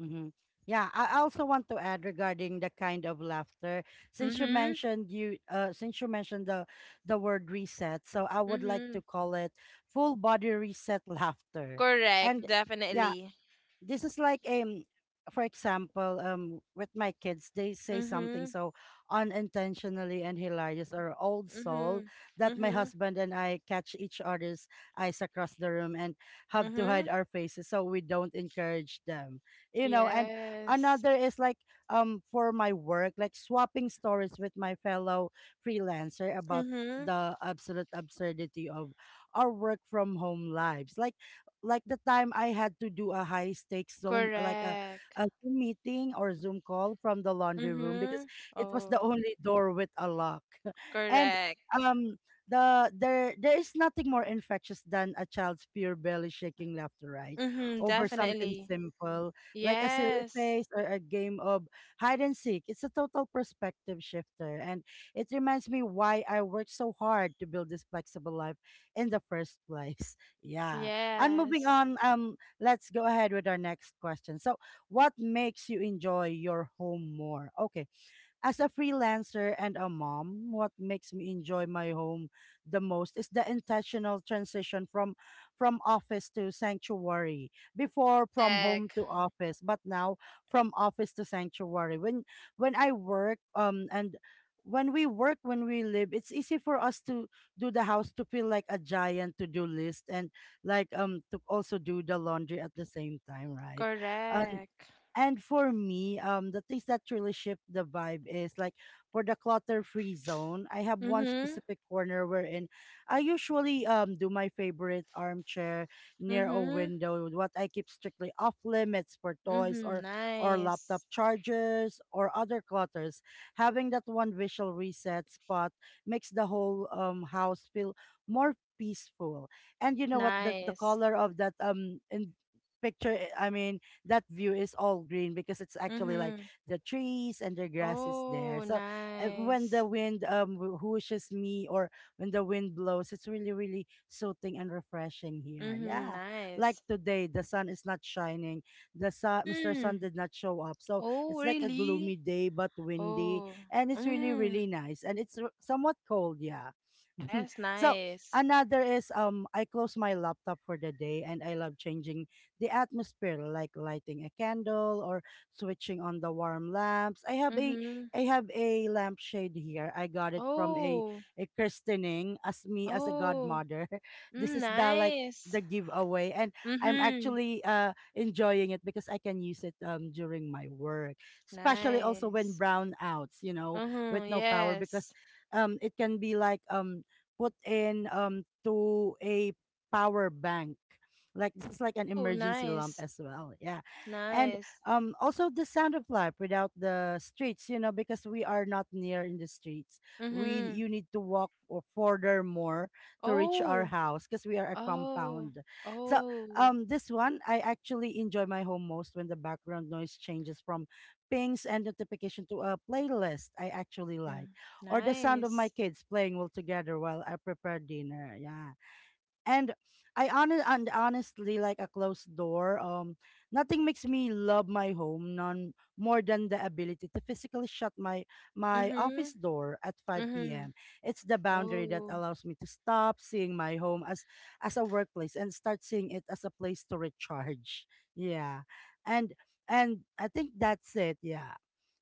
Mm-hmm. Yeah, I also want to add regarding the kind of laughter. Since you Mm-hmm. mentioned you, since you mentioned the word reset, so I would like Mm-hmm. to call it full body reset laughter. Correct. And yeah, Definitely. this is like for example with my kids they say something Mm-hmm. so unintentionally and hilarious or old soul Mm-hmm. that my Mm-hmm. husband and I catch each other's eyes across the room and have to Mm-hmm. hide our faces so we don't encourage them you know, and Yes. another is like for my work, like swapping stories with my fellow freelancer about Mm-hmm. the absolute absurdity of our work from home lives, like the time I had to do a high stakes Zoom, like Correct. a Zoom meeting or Zoom call from the laundry room because Mm-hmm. it was the Oh. only door with a lock. And Correct. um, the there is nothing more infectious than a child's pure belly shaking laughter, right? Mm-hmm, Over something definitely. simple like a silly Yes. face or a game of hide and seek. It's a total perspective shifter, and it reminds me why I worked so hard to build this flexible life in the first place. Yeah. And moving Yes. on, let's go ahead with our next question. So, what makes you enjoy your home more? Okay, as a freelancer and a mom, what makes me enjoy my home the most is the intentional transition from office to sanctuary. Before from home Correct. to office, but now from office to sanctuary. When I work and when we live, it's easy for us to do the house to feel like a giant to do list, and like to also do the laundry at the same time, right? Correct. And for me, the things that really shift the vibe is like for the clutter-free zone. I have one Mm-hmm. specific corner wherein I usually do my favorite armchair near a Mm-hmm. window. What I keep strictly off limits for toys Mm-hmm. Or laptop Nice. chargers or other clutters. Having that one visual reset spot makes the whole house feel more peaceful. And you know what? The Nice. color of that in picture I mean that view is all green because it's actually like Mm-hmm. the trees and the grass is Oh, there. So when nice. the wind whooshes me or when the wind blows, it's really really soothing and refreshing here. Mm-hmm. Yeah, Nice. like today the sun is not shining. The sun, Mr. Hmm. Sun did not show up, so Oh, it's like a really? gloomy day but windy, Oh. and it's really Mm. really nice and it's somewhat cold. Yeah. Yes, So nice. another is I close my laptop for the day and I love changing the atmosphere, like lighting a candle or switching on the warm lamps. I have a Mm-hmm. Lampshade here. I got it from a Oh. Christening as me as a Oh. godmother. This Mm, is the like nice. the giveaway and I'm Mm-hmm. actually enjoying it because I can use it during my work, especially also when Nice. brownouts you know, with Mm-hmm. no power, because Yes. It can be like put in to a power bank, like this is like an Oh, emergency lump nice. as well. Yeah. And Nice. Also the sound of life without the streets you know, because we are not near in the streets, we Mm-hmm. you need to walk or further more to reach our Oh. house because we are a Oh. compound. So Oh. This one I actually enjoy my home most when the background noise changes from pings and notification to a playlist I actually like, Mm. or the sound of my Nice. kids playing all together while I prepare dinner. Yeah. And I honest and honestly like a closed door. Nothing makes me love my home none more than the ability to physically shut my Mm-hmm. office door at 5 Mm-hmm. p.m. It's the boundary that Oh. allows me to stop seeing my home as a workplace and start seeing it as a place to recharge. Yeah, and and I think that's it. Yeah.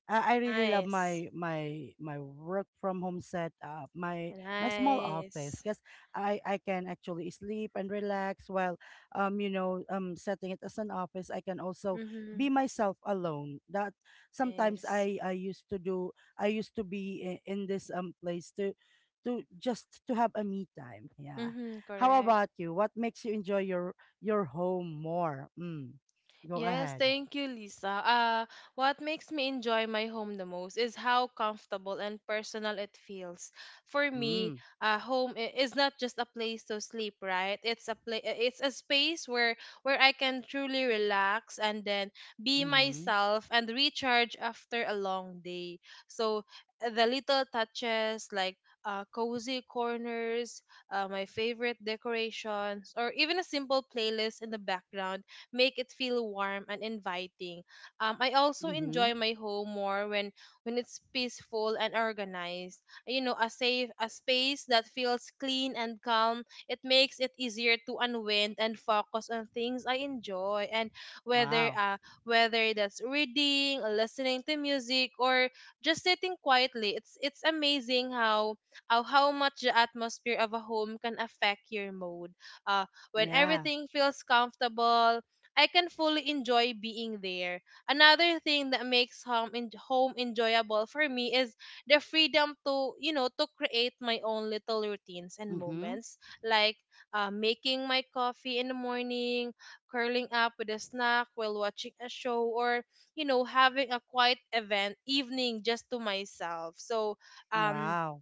I really love Nice. my work from home set up, my small office, Nice. because I can actually sleep and relax while you know setting it as an office. I can also Mm-hmm. be myself alone. That sometimes Nice. I used to do. I used to be in this place to just to have a me time. Yeah. Mm-hmm. How Correct. about you? What makes you enjoy your home more? Mm. Go Yes, ahead. thank you, Lisa. What makes me enjoy my home the most is how comfortable and personal it feels. For me, Mm. Home is not just a place to sleep, right? It's a space where, I can truly relax, and then be Mm-hmm. myself and recharge after a long day. So, the little touches like, cozy corners, my favorite decorations, or even a simple playlist in the background make it feel warm and inviting. I also Mm-hmm. enjoy my home more when, it's peaceful and organized. You know, a space that feels clean and calm. It makes it easier to unwind and focus on things I enjoy, and whether Wow. uh whether that's reading, listening to music, or just sitting quietly. It's amazing how, how much the atmosphere of a home can affect your mood. Uh, when Yeah. everything feels comfortable, I can fully enjoy being there. Another thing that makes home, home enjoyable for me is the freedom to, to create my own little routines and Mm-hmm. moments, like, making my coffee in the morning, curling up with a snack while watching a show, or, having a quiet event evening just to myself. So, um Wow.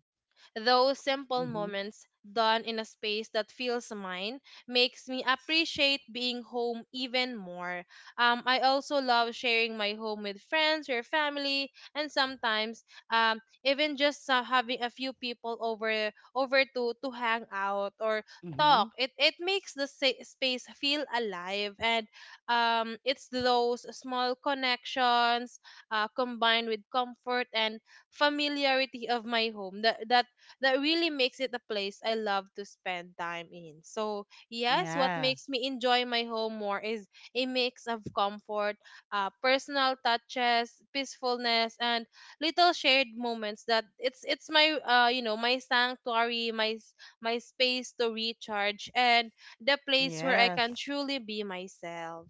those simple Mm-hmm. moments, done in a space that feels mine, makes me appreciate being home even more. I also love sharing my home with friends or family, and sometimes, even just, having a few people over to hang out or Mm-hmm. talk. It makes the space feel alive, and, it's those small connections, combined with comfort and familiarity of my home, that, that really makes it a place I love to spend time in. So, yes, what Yeah. makes me enjoy my home more is a mix of comfort, personal touches, peacefulness, and little shared moments, that it's my, my sanctuary, my space to recharge, and the place where I Yes. can truly be myself.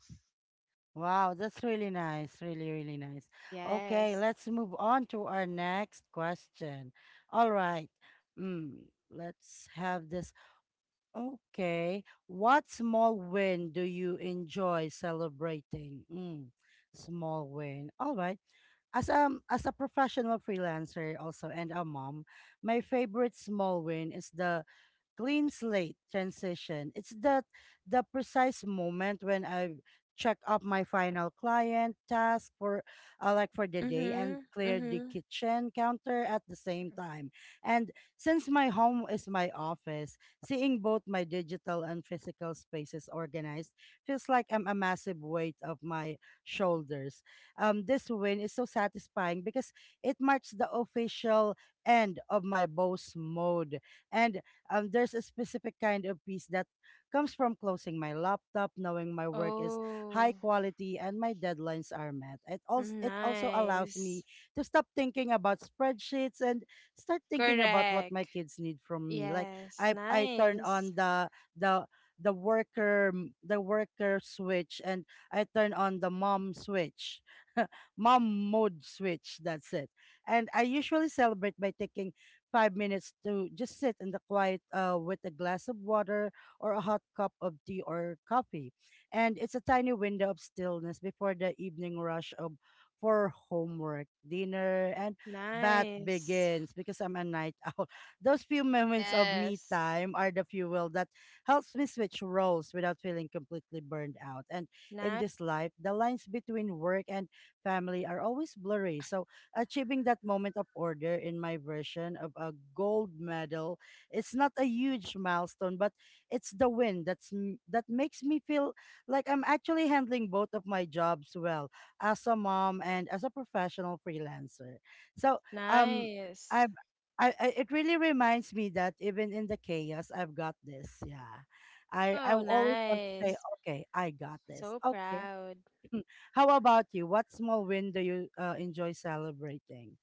Wow, that's really nice. Really, really nice. Okay, Yes. let's move on to our next question. All right. Mm, let's have the okay. What small win do you enjoy celebrating? Mm, small win. All right. As a professional freelancer also and a mom, my favorite small win is the clean slate transition. It's that the precise moment when I check up my final client task for like for the day and Mhm. clear the Mhm. kitchen counter at the same time. And since my home is my office, seeing both my digital and physical spaces organized feels like I'm a massive weight of my shoulders. This win is so satisfying because it marks the official end of my boss mode. And there's a specific kind of peace that comes from closing my laptop, knowing my work is high Oh, quality and my deadlines are met. It also allows nice. me to stop thinking about spreadsheets and start thinking about what Correct. my kids need from me. Like Yes, I turn nice. on the the worker switch and I turn on the mom switch. Mom mode switch, that's it. And I usually celebrate by taking 5 minutes to just sit in the quiet with a glass of water or a hot cup of tea or coffee. And it's a tiny window of stillness before the evening rush of for homework, dinner, and bath Nice. begins because I'm a night. Those few moments of me Yes. time are the fuel that helps me switch roles without feeling completely burned out. And in Nice. this life, the lines between work and family are always blurry. So achieving that moment of order in my version of a gold medal, it's not a huge milestone, but it's the win that makes me feel like I'm actually handling both of my jobs well as a mom and as a professional freelancer. So um. Nice. I've I it really reminds me that even in the chaos, I've got this. Yeah. I Oh, always want to say, nice. okay, I got this. So Okay. proud. How about you? What small win do you enjoy celebrating?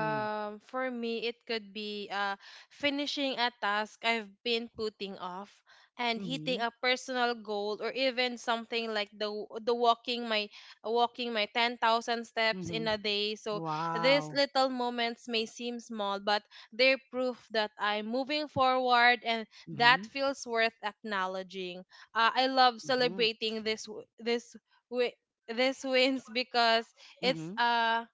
Mm. For me, it could be, finishing a task I've been putting off, and hitting Mm-hmm. a personal goal, or even something like the walking my 10,000 steps in Mm-hmm. a day. So these Wow. little moments may seem small, but they're proof that I'm moving forward, and that Mm-hmm. feels worth acknowledging. I love Mm-hmm. celebrating this w- this wi- these wins because it's Mm-hmm. uh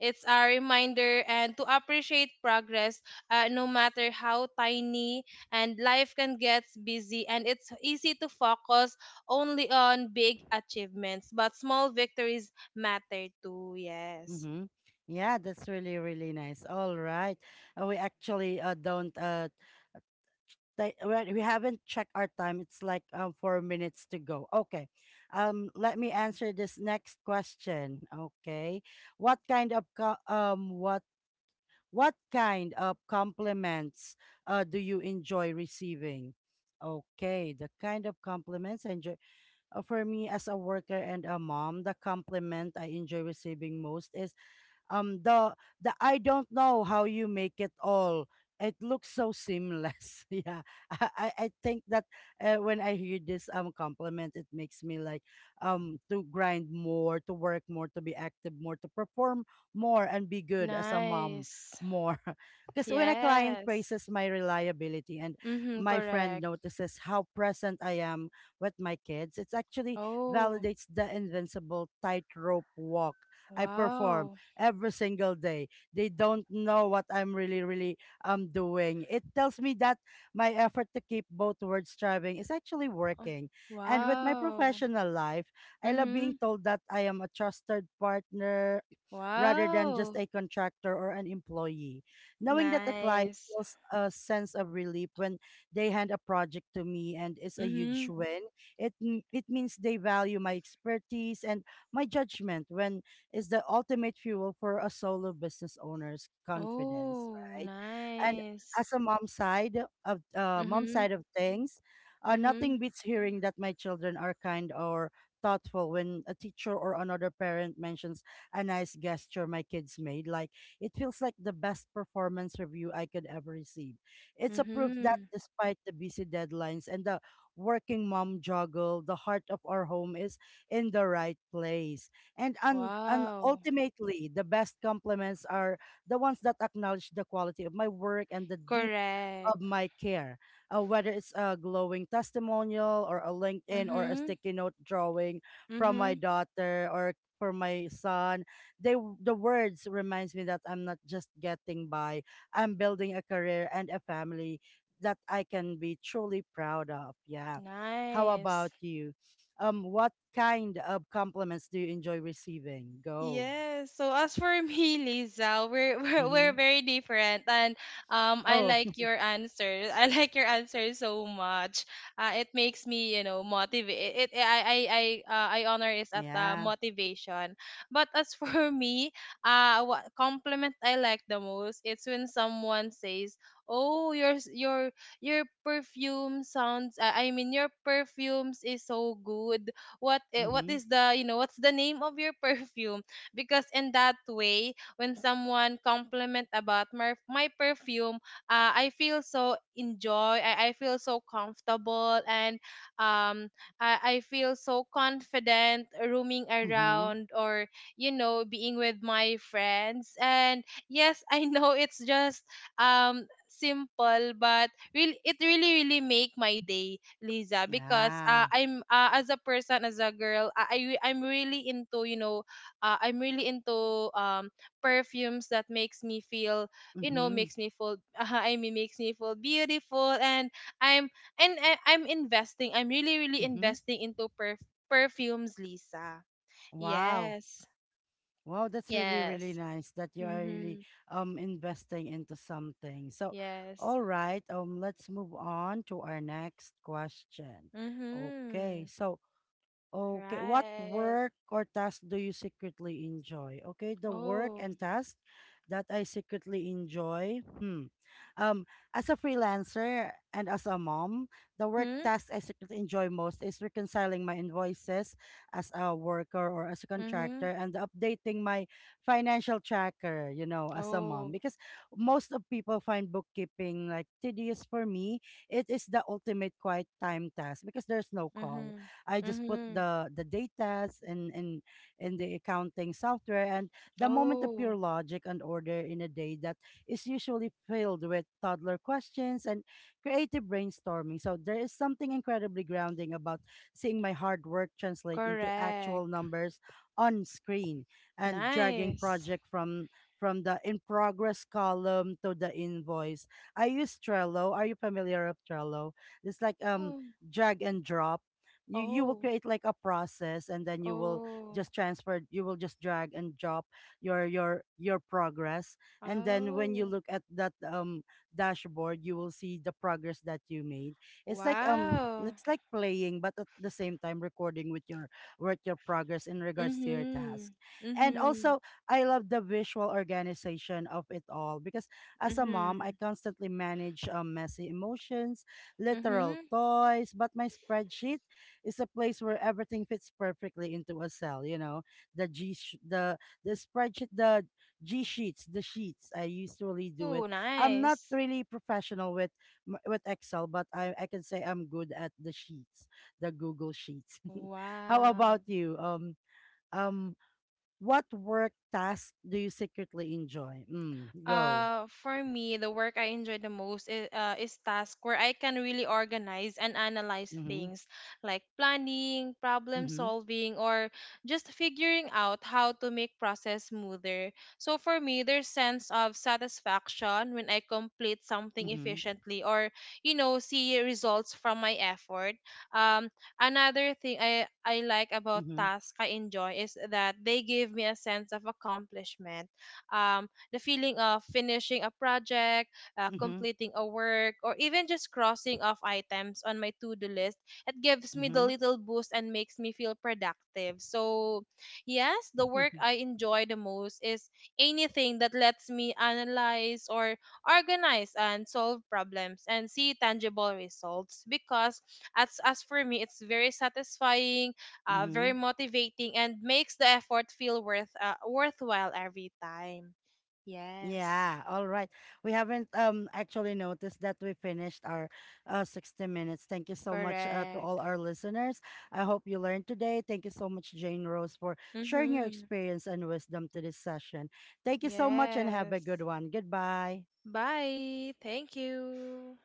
it's a reminder, and to appreciate progress, no matter how tiny. And life can get busy, and it's easy to focus only on big achievements, but small victories matter too. Yes. Mm-hmm. Yeah, that's really, really nice. All right. We actually don't They, well, We haven't checked our time. It's like 4 minutes to go. Okay. Let me answer this next question. Okay. What kind of co- what kind of compliments do you enjoy receiving? Okay, the kind of compliments I enjoy for me as a worker and a mom, the compliment I enjoy receiving most is um the the I don't know how you make it all. It looks so seamless. Yeah, I think that when I hear this compliment, it makes me like to grind more, to work more, to be active more, to perform more, and be good as a mom Nice. more. Because when a client Yes. praises my reliability and Mhm. my friend Correct. notices how present I am with my kids, it actually Oh, validates the invincible tightrope walk I perform wow. every single day. They don't know what I'm really, really doing. It tells me that my effort to keep both words striving is actually Oh, working. And with my wow. professional life, I love being Mhm. told that I am a trusted partner rather than just Wow. a contractor or an employee. Knowing that the client Nice. feels a sense of relief when they hand a project to me and it's a huge Mm-hmm. win. It means they value my expertise and my judgment when is the ultimate fuel for a solo business owner's confidence, Oh, right? And nice. as a mom Mhm. side of things, Mhm. nothing beats hearing that my children are kind or thoughtful when a teacher or another parent mentions a nice gesture my kids made like it feels like the best performance review I could ever receive. It's a proof that Mhm. despite the busy deadlines and the working mom juggle, the heart of our home is in the right place and Wow. ultimately, the best compliments are the ones that acknowledge the quality of my work and the deep of Correct. my care, whether it's a glowing testimonial or a LinkedIn or a Mhm. sticky note drawing from my Mhm. daughter or for my son. They the words reminds me that I'm not just getting by. I'm building a career and a family that I can be truly proud of. Yeah. How Nice. about you? What kind of compliments do you enjoy receiving? Go. Yes. So as for me, Lisa, we're we're Mm-hmm. very different, and, I Oh, like your answer. I like your answer so much. It makes me, motivate. It, I honor is at the yeah. motivation. But, as for me, what compliment I like the most? It's when someone says, "Oh, your your perfume sounds. I mean, your perfumes is so good. What, eh, what Mm-hmm. is the you know what's the name of your perfume?" Because, in that way, when someone compliment about my perfume, I feel so comfortable, and, um I feel so confident roaming Mm-hmm. around, or, being with my friends. And, yes, I know it's just, simple, but really, it really really make my day, Lisa? Because, Yeah. I'm as a person, as a girl, I'm really into, I'm really into, perfumes that makes me feel, Mm-hmm. makes me feel, I mean, makes me feel beautiful. And, I'm and I, I'm investing I'm really, really Mm-hmm. investing into perfumes, Lisa. Wow. Yes. Wow, that's really, really Yes. nice that you are really Mhm. Investing into something. So, Yes. all right, let's move on to our next question. Okay, Mhm. so okay, what Right. work or task do you secretly enjoy? Okay, the work Oh. and task that I secretly enjoy. Hmm. Um, as a freelancer and as a mom, the work Mhm. task I secretly enjoy most is reconciling my invoices as a worker or as a contractor Mhm. and updating my financial tracker, you know, as a mom. Oh. Because most of people find bookkeeping like tedious for me. It is the ultimate quiet time task because there's no call. Mhm. I just put Mhm. the datas in the accounting software, and the moment of pure Oh. logic and order in a day that is usually filled with toddler questions and creative brainstorming. So there is something incredibly grounding about seeing my hard work translate into actual Correct. numbers on screen and dragging Nice. project from the in progress column to the invoice. I use Trello. Are you familiar with Trello? It's like Oh. drag and drop. You will Oh, create like a process and then you will oh, just transfer, you will just drag and drop your progress, and then when you oh, look at that dashboard, you will see the progress that you made. It's like wow. it's like playing but at the same time recording with your progress in regards to your Mm-hmm. task. And Mm-hmm. also I love the visual organization of it all because as a mom I Mm-hmm. constantly manage messy emotions, literal Mm-hmm. toys, but my spreadsheet, it's a place where everything fits perfectly into a cell, you know. The G sh- the the spreadsheet, the sheets. I usually do it. Oh, I'm not nice. really professional with with Excel, but I can say I'm good at the sheets, the Google sheets. Oh, How wow. about you? Um what work task do you secretly enjoy? Mm, go. For me, the work I enjoy the most is, task where I can really organize and analyze Mhm. things, like planning, problem Mhm. solving, or just figuring out how to make process smoother. So for me, there's sense of satisfaction when I complete something Mhm. efficiently, or, see results from my effort. Um, Another thing I like about Mhm. tasks I enjoy is that they give me a sense of accomplishment. Um, the feeling of finishing a project, Mhm. completing a work, or even just crossing off items on my to do list, it gives me the Mhm. little boost and makes me feel productive. So, yes, the work I enjoy the most is anything that lets me analyze, or organize, and solve problems, and see tangible results, because as for me, it's very satisfying, very Mhm. motivating, and makes the effort feel worthwhile every time. Yes, Yeah, all right. We haven't actually noticed that we finished our 60 minutes. Thank you so much to correct. all our listeners. I hope you learned today. Thank you so much, Jane Rose, for sharing your Mm-hmm. experience and wisdom to this session. Thank you so much and have Yes. a good one. Goodbye. Bye. Thank you.